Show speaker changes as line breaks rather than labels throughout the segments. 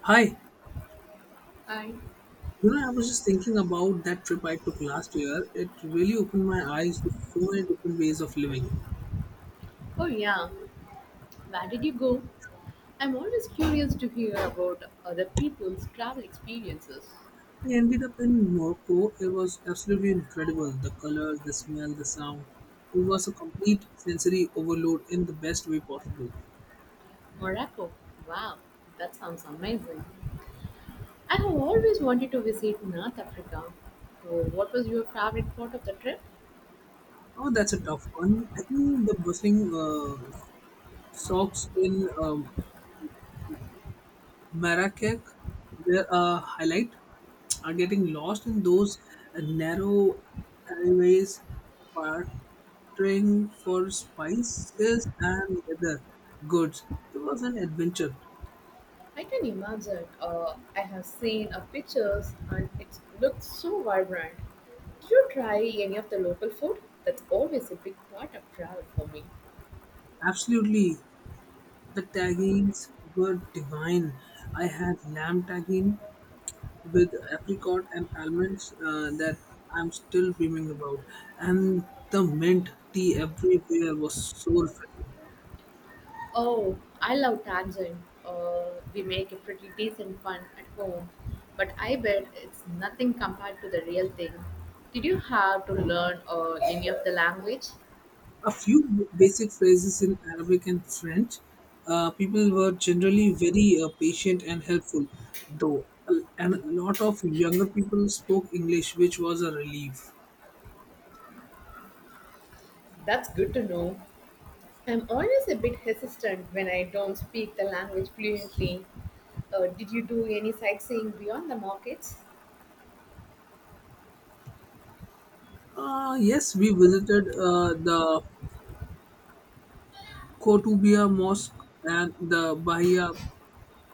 Hi, you
I,
know, I was just thinking about that trip I took last year. It really opened my eyes to so many different ways of living.
oh yeah, where did you go? I'm always curious to hear about other people's travel experiences.
I ended up in Morocco. It was absolutely incredible. The colors, the smell, the sound. It was a complete sensory overload in the best way possible.
Morocco, wow, that sounds amazing. I have always wanted to visit North Africa. So what was your favorite part of the trip?
Oh, that's a tough one. I think the bustling socks in Marrakech were a highlight. Are getting lost in those narrow alleyways, bartering for spices and leather goods. It was an adventure.
I can imagine. I have seen pictures and it looks so vibrant. Did you try any of the local food? That's always a big part of travel for me.
Absolutely, the tagines were divine. I had lamb tagine with apricot and almonds that I'm still dreaming about, and the mint tea everywhere was so refreshing.
Oh, I love Tangent. We make a pretty decent one at home, but I bet it's nothing compared to the real thing. Did you have to learn any of the language?
A few basic phrases in Arabic and French. People were generally very patient and helpful, though, and a lot of younger people spoke English, which was a relief.
That's good to know. I'm always a bit hesitant when I don't speak the language fluently. Did you do any sightseeing beyond the markets?
Yes, we visited the Kotubia Mosque and the Bahia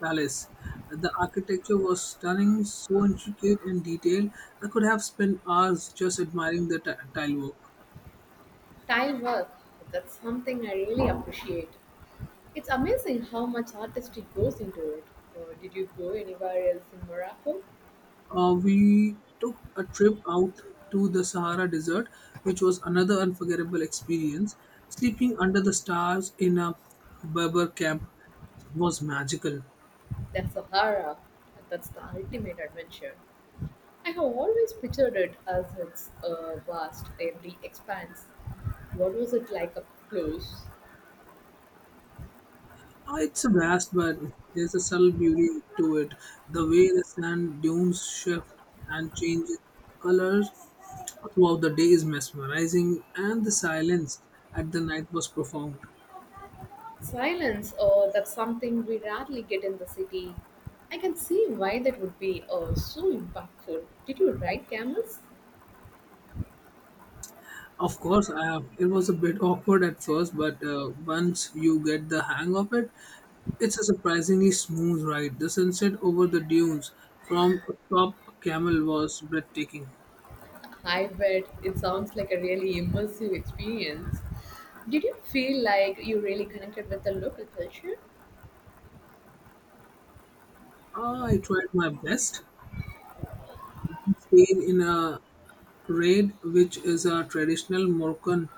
Palace. The architecture was stunning, so intricate and detailed. I could have spent hours just admiring the tile work.
Tile work, that's something I really appreciate. It's amazing how much artistry goes into it. Did you go anywhere else in Morocco?
We took a trip out to the Sahara Desert, which was another unforgettable experience. Sleeping under the stars in a Berber camp was magical.
The Sahara, that's the ultimate adventure. I have always pictured it as its vast, empty expanse. What was it like up close?
It's vast, but there's a subtle beauty to it. The way the sand dunes shift and change colors throughout the day is mesmerizing, and the silence at the night was profound.
Silence, that's something we rarely get in the city. I can see why that would be so impactful. Did you ride camels?
Of course, I have, it was a bit awkward at first, but once you get the hang of it, it's a surprisingly smooth ride. The sunset over the dunes from atop camel was breathtaking.
I bet it sounds like a really immersive experience. Did you feel like you really connected with the local culture?
Ah, I tried my best. We stayed in a raid, which is a traditional Moroccan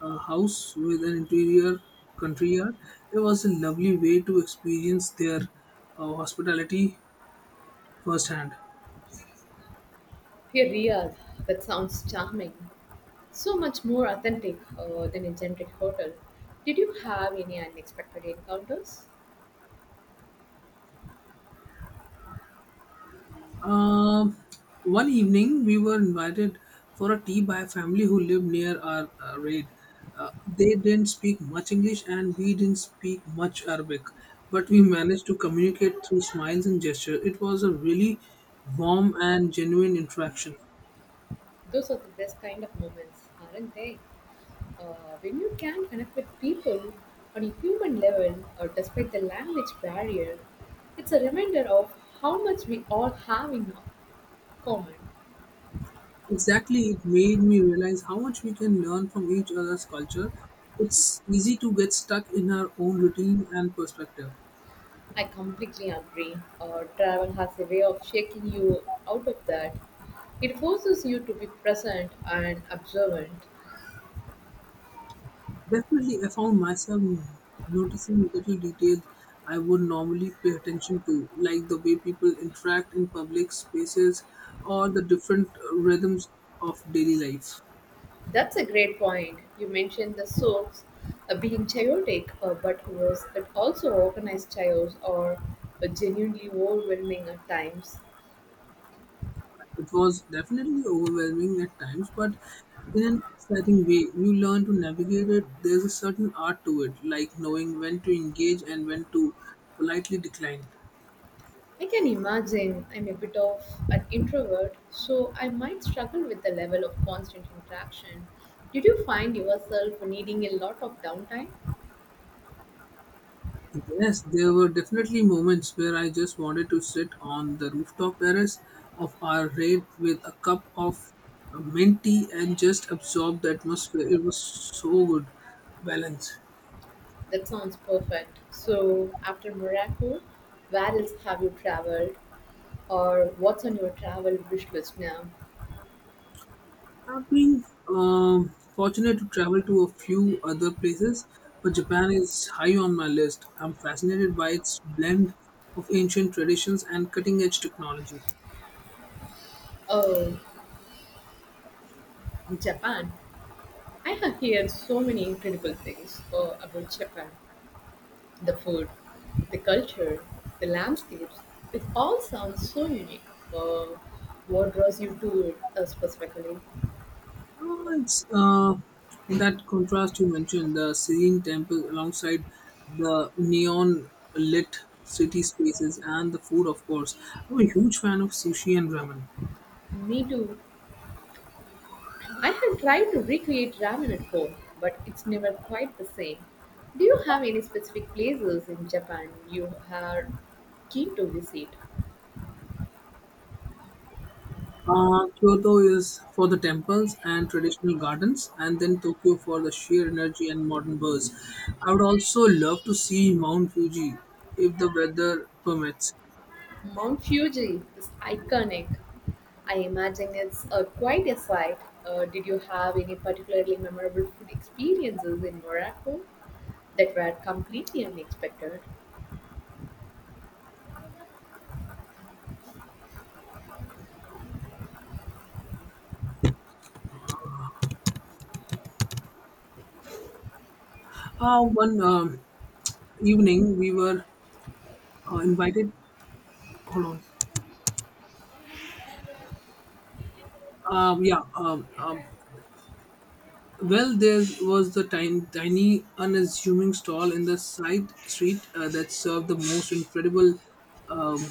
house with an interior country yard. It was a lovely way to experience their hospitality firsthand.
Hey Riyadh, that sounds charming. So much more authentic than a generic hotel. Did you have any unexpected encounters?
Um, One evening, we were invited for a tea by a family who lived near our raid. They didn't speak much English and we didn't speak much Arabic, but we managed to communicate through smiles and gestures. It was a really warm and genuine interaction.
Those are the best kind of moments, aren't they? Uh, when you can connect with people on a human level or despite the language barrier, it's a reminder of how much we all have in common.
Exactly, it made me realize how much we can learn from each other's culture. It's easy to get stuck in our own routine and perspective.
I completely agree. Travel has a way of shaking you out of that. It forces you to be present and observant.
Definitely, I found myself noticing little details I would normally pay attention to, like the way people interact in public spaces or the different rhythms of daily life.
That's a great point. You mentioned the soaps being chaotic, but was it also organized chaos or genuinely overwhelming at times?
It was definitely overwhelming at times, but in an exciting way, you learn to navigate it. There's a certain art to it, like knowing when to engage and when to politely decline.
I can imagine I'm a bit of an introvert, so I might struggle with the level of constant interaction. Did you find yourself needing a lot of downtime?
Yes, there were definitely moments where I just wanted to sit on the rooftop terrace of our raid with a cup of mint tea and just absorb the atmosphere. It was so good balance.
That sounds perfect. So, after Morocco, where else have you traveled, or what's on your travel wish list now?
I've been fortunate to travel to a few other places, but Japan is high on my list. I'm fascinated by its blend of ancient traditions and cutting edge technology.
Oh, Japan. I have heard so many incredible things about Japan. The food, the culture, the landscapes. It all sounds so unique. Uh, what draws you to it specifically?
Oh, it's that contrast you mentioned, the serene temple alongside the neon lit city spaces and the food, of course. I'm a huge fan of sushi and ramen.
Me too. I have tried to recreate ramen at home, but it's never quite the same. Do you have any specific places in Japan you are keen to visit?
Kyoto is for the temples and traditional gardens, and then Tokyo for the sheer energy and modern buzz. I would also love to see Mount Fuji if the weather permits.
Mount Fuji is iconic. I imagine it's quite a sight. Did you have any particularly memorable food experiences in Morocco that were completely unexpected?
One evening, we were invited. Hold on. Yeah, well, there was the tiny, tiny unassuming stall in the side street that served the most incredible um,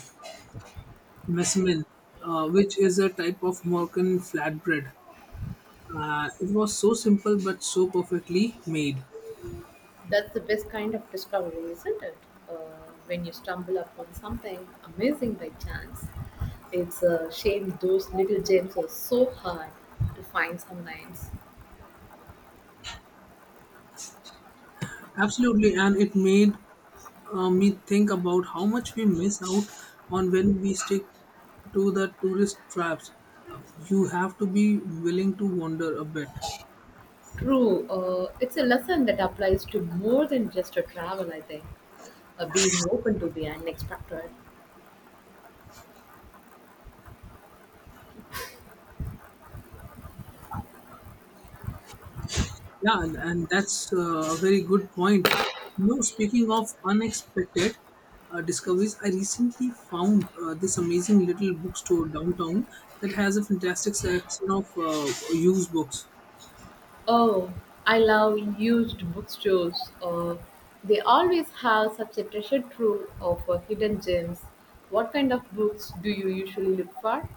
messman, which is a type of Moroccan flatbread. It was so simple but so perfectly made.
That's the best kind of discovery, isn't it? Uh, when you stumble upon something amazing by chance. It's a shame those little gems are so hard to find sometimes.
Absolutely, and it made me think about how much we miss out on when we stick to the tourist traps. You have to be willing to wander a bit.
True, it's a lesson that applies to more than just a travel, I think. Being open to the unexpected.
Yeah, and that's a very good point. You know, speaking of unexpected discoveries, I recently found this amazing little bookstore downtown that has a fantastic selection of used books.
Oh, I love used bookstores. They always have such a treasure trove of hidden gems. What kind of books do you usually look for?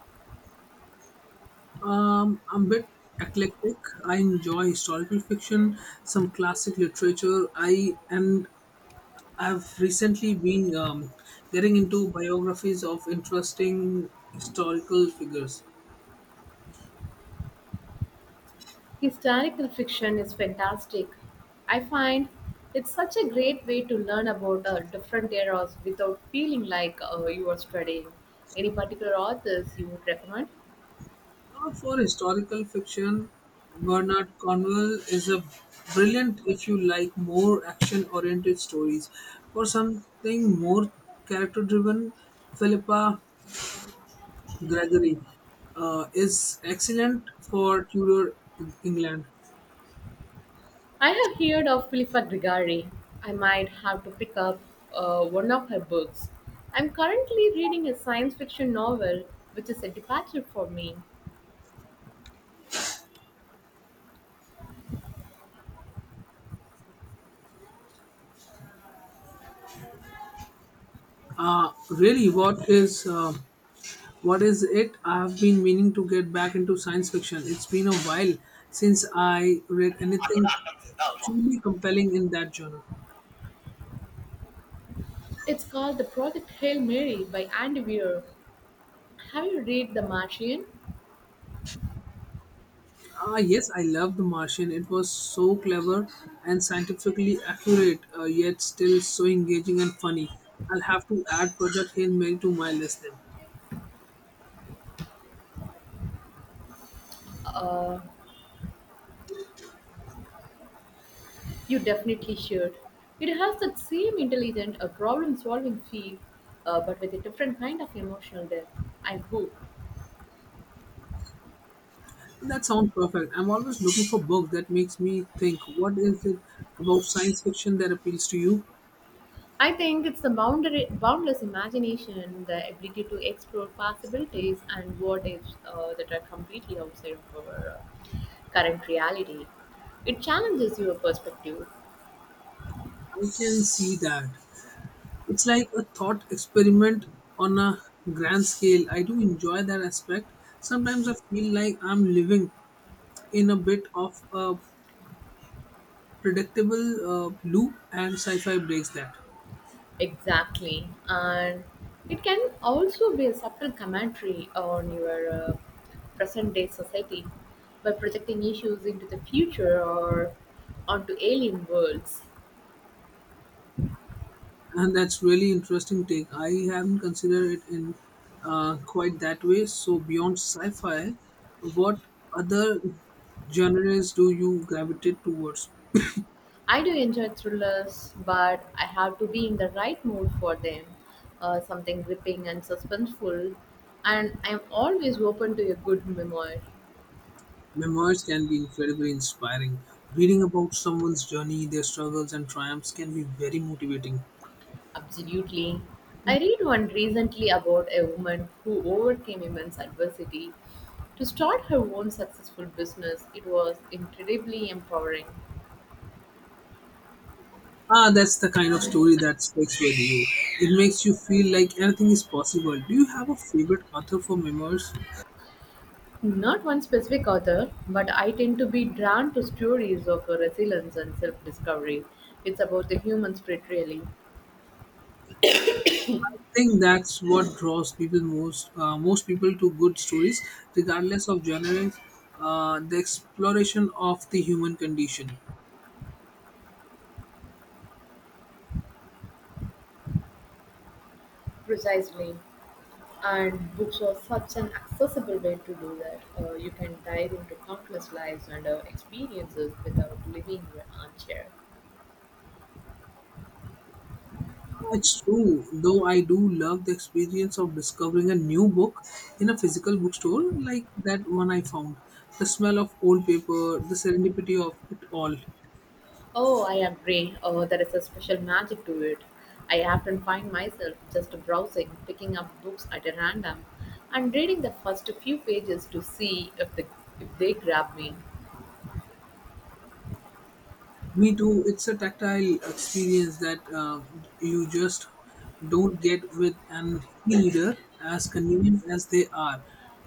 I'm a bit eclectic. I enjoy historical fiction, some classic literature. I've recently been getting into biographies of interesting historical figures.
Historical fiction is fantastic. I find it's such a great way to learn about different eras without feeling like you are studying. Any particular authors you would recommend?
For historical fiction, Bernard Cornwell is a brilliant if you like more action oriented stories. For something more character driven, Philippa Gregory is excellent for Tudor England.
I have heard of Philippa Grigari. I might have to pick up one of her books. I'm currently reading a science fiction novel, which is a departure for me.
Really, what is it? I have been meaning to get back into science fiction. It's been a while since I read anything truly compelling in that genre.
It's called The Project Hail Mary by Andy Weir. Have you read The Martian?
Ah, yes, I love The Martian. It was so clever and scientifically accurate, yet still so engaging and funny. I'll have to add Project Hail Mary to my list then.
Uh, You definitely should. It has that same intelligent problem solving feel, but with a different kind of emotional depth, I hope.
That sounds perfect. I'm always looking for books that makes me think. What is it about science fiction that appeals to you?
I think it's the boundless imagination, the ability to explore possibilities and what ifs that are completely outside of our current reality. It challenges your perspective.
I can see that. It's like a thought experiment on a grand scale. I do enjoy that aspect. Sometimes I feel like I'm living in a bit of a predictable loop and sci-fi breaks that
Exactly. And it can also be a subtle commentary on your present day society by projecting issues into the future or onto alien worlds.
and that's really interesting take I haven't considered it in quite that way so beyond sci-fi what other genres do you gravitate towards
I do enjoy thrillers, but I have to be in the right mood for them, something gripping and suspenseful. And I'm always open to a good memoir.
memoirs can be incredibly inspiring reading about someone's journey their struggles and triumphs can be very motivating
Absolutely. I read one recently about a woman who overcame immense adversity to start her own successful business. It was incredibly empowering.
ah that's the kind of story that speaks with you it makes you feel like anything is possible do you have a favorite author for memoirs
Not one specific author, but I tend to be drawn to stories of resilience and self discovery. It's about the human spirit, really.
think that's what draws people most people to good stories, regardless of genre. The exploration of the human condition.
Precisely. And books are such an accessible way to do that. You can dive into countless lives and experiences without leaving your armchair.
It's true, though I do love the experience of discovering a new book in a physical bookstore like that one I found. The smell of old paper, the serendipity of it all.
Oh, I agree. Oh, there is a special magic to it. I often find myself just browsing, picking up books at a random, and reading the first few pages to see if the if they grab me.
Me too. It's a tactile experience that you just don't get with an e-reader, as convenient as they are.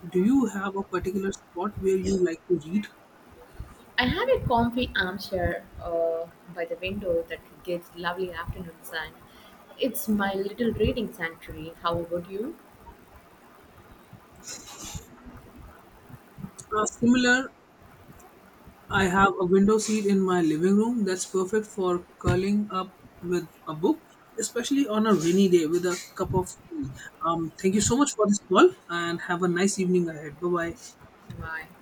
Do you have a particular spot where you like to read?
I had a comfy armchair by the window that gives lovely afternoon sun. It's my little reading sanctuary. How about you?
Similar, I have a window seat in my living room that's perfect for curling up with a book, especially on a rainy day with a cup of tea. Thank you so much for this call, and have a nice evening ahead. Bye bye.
My.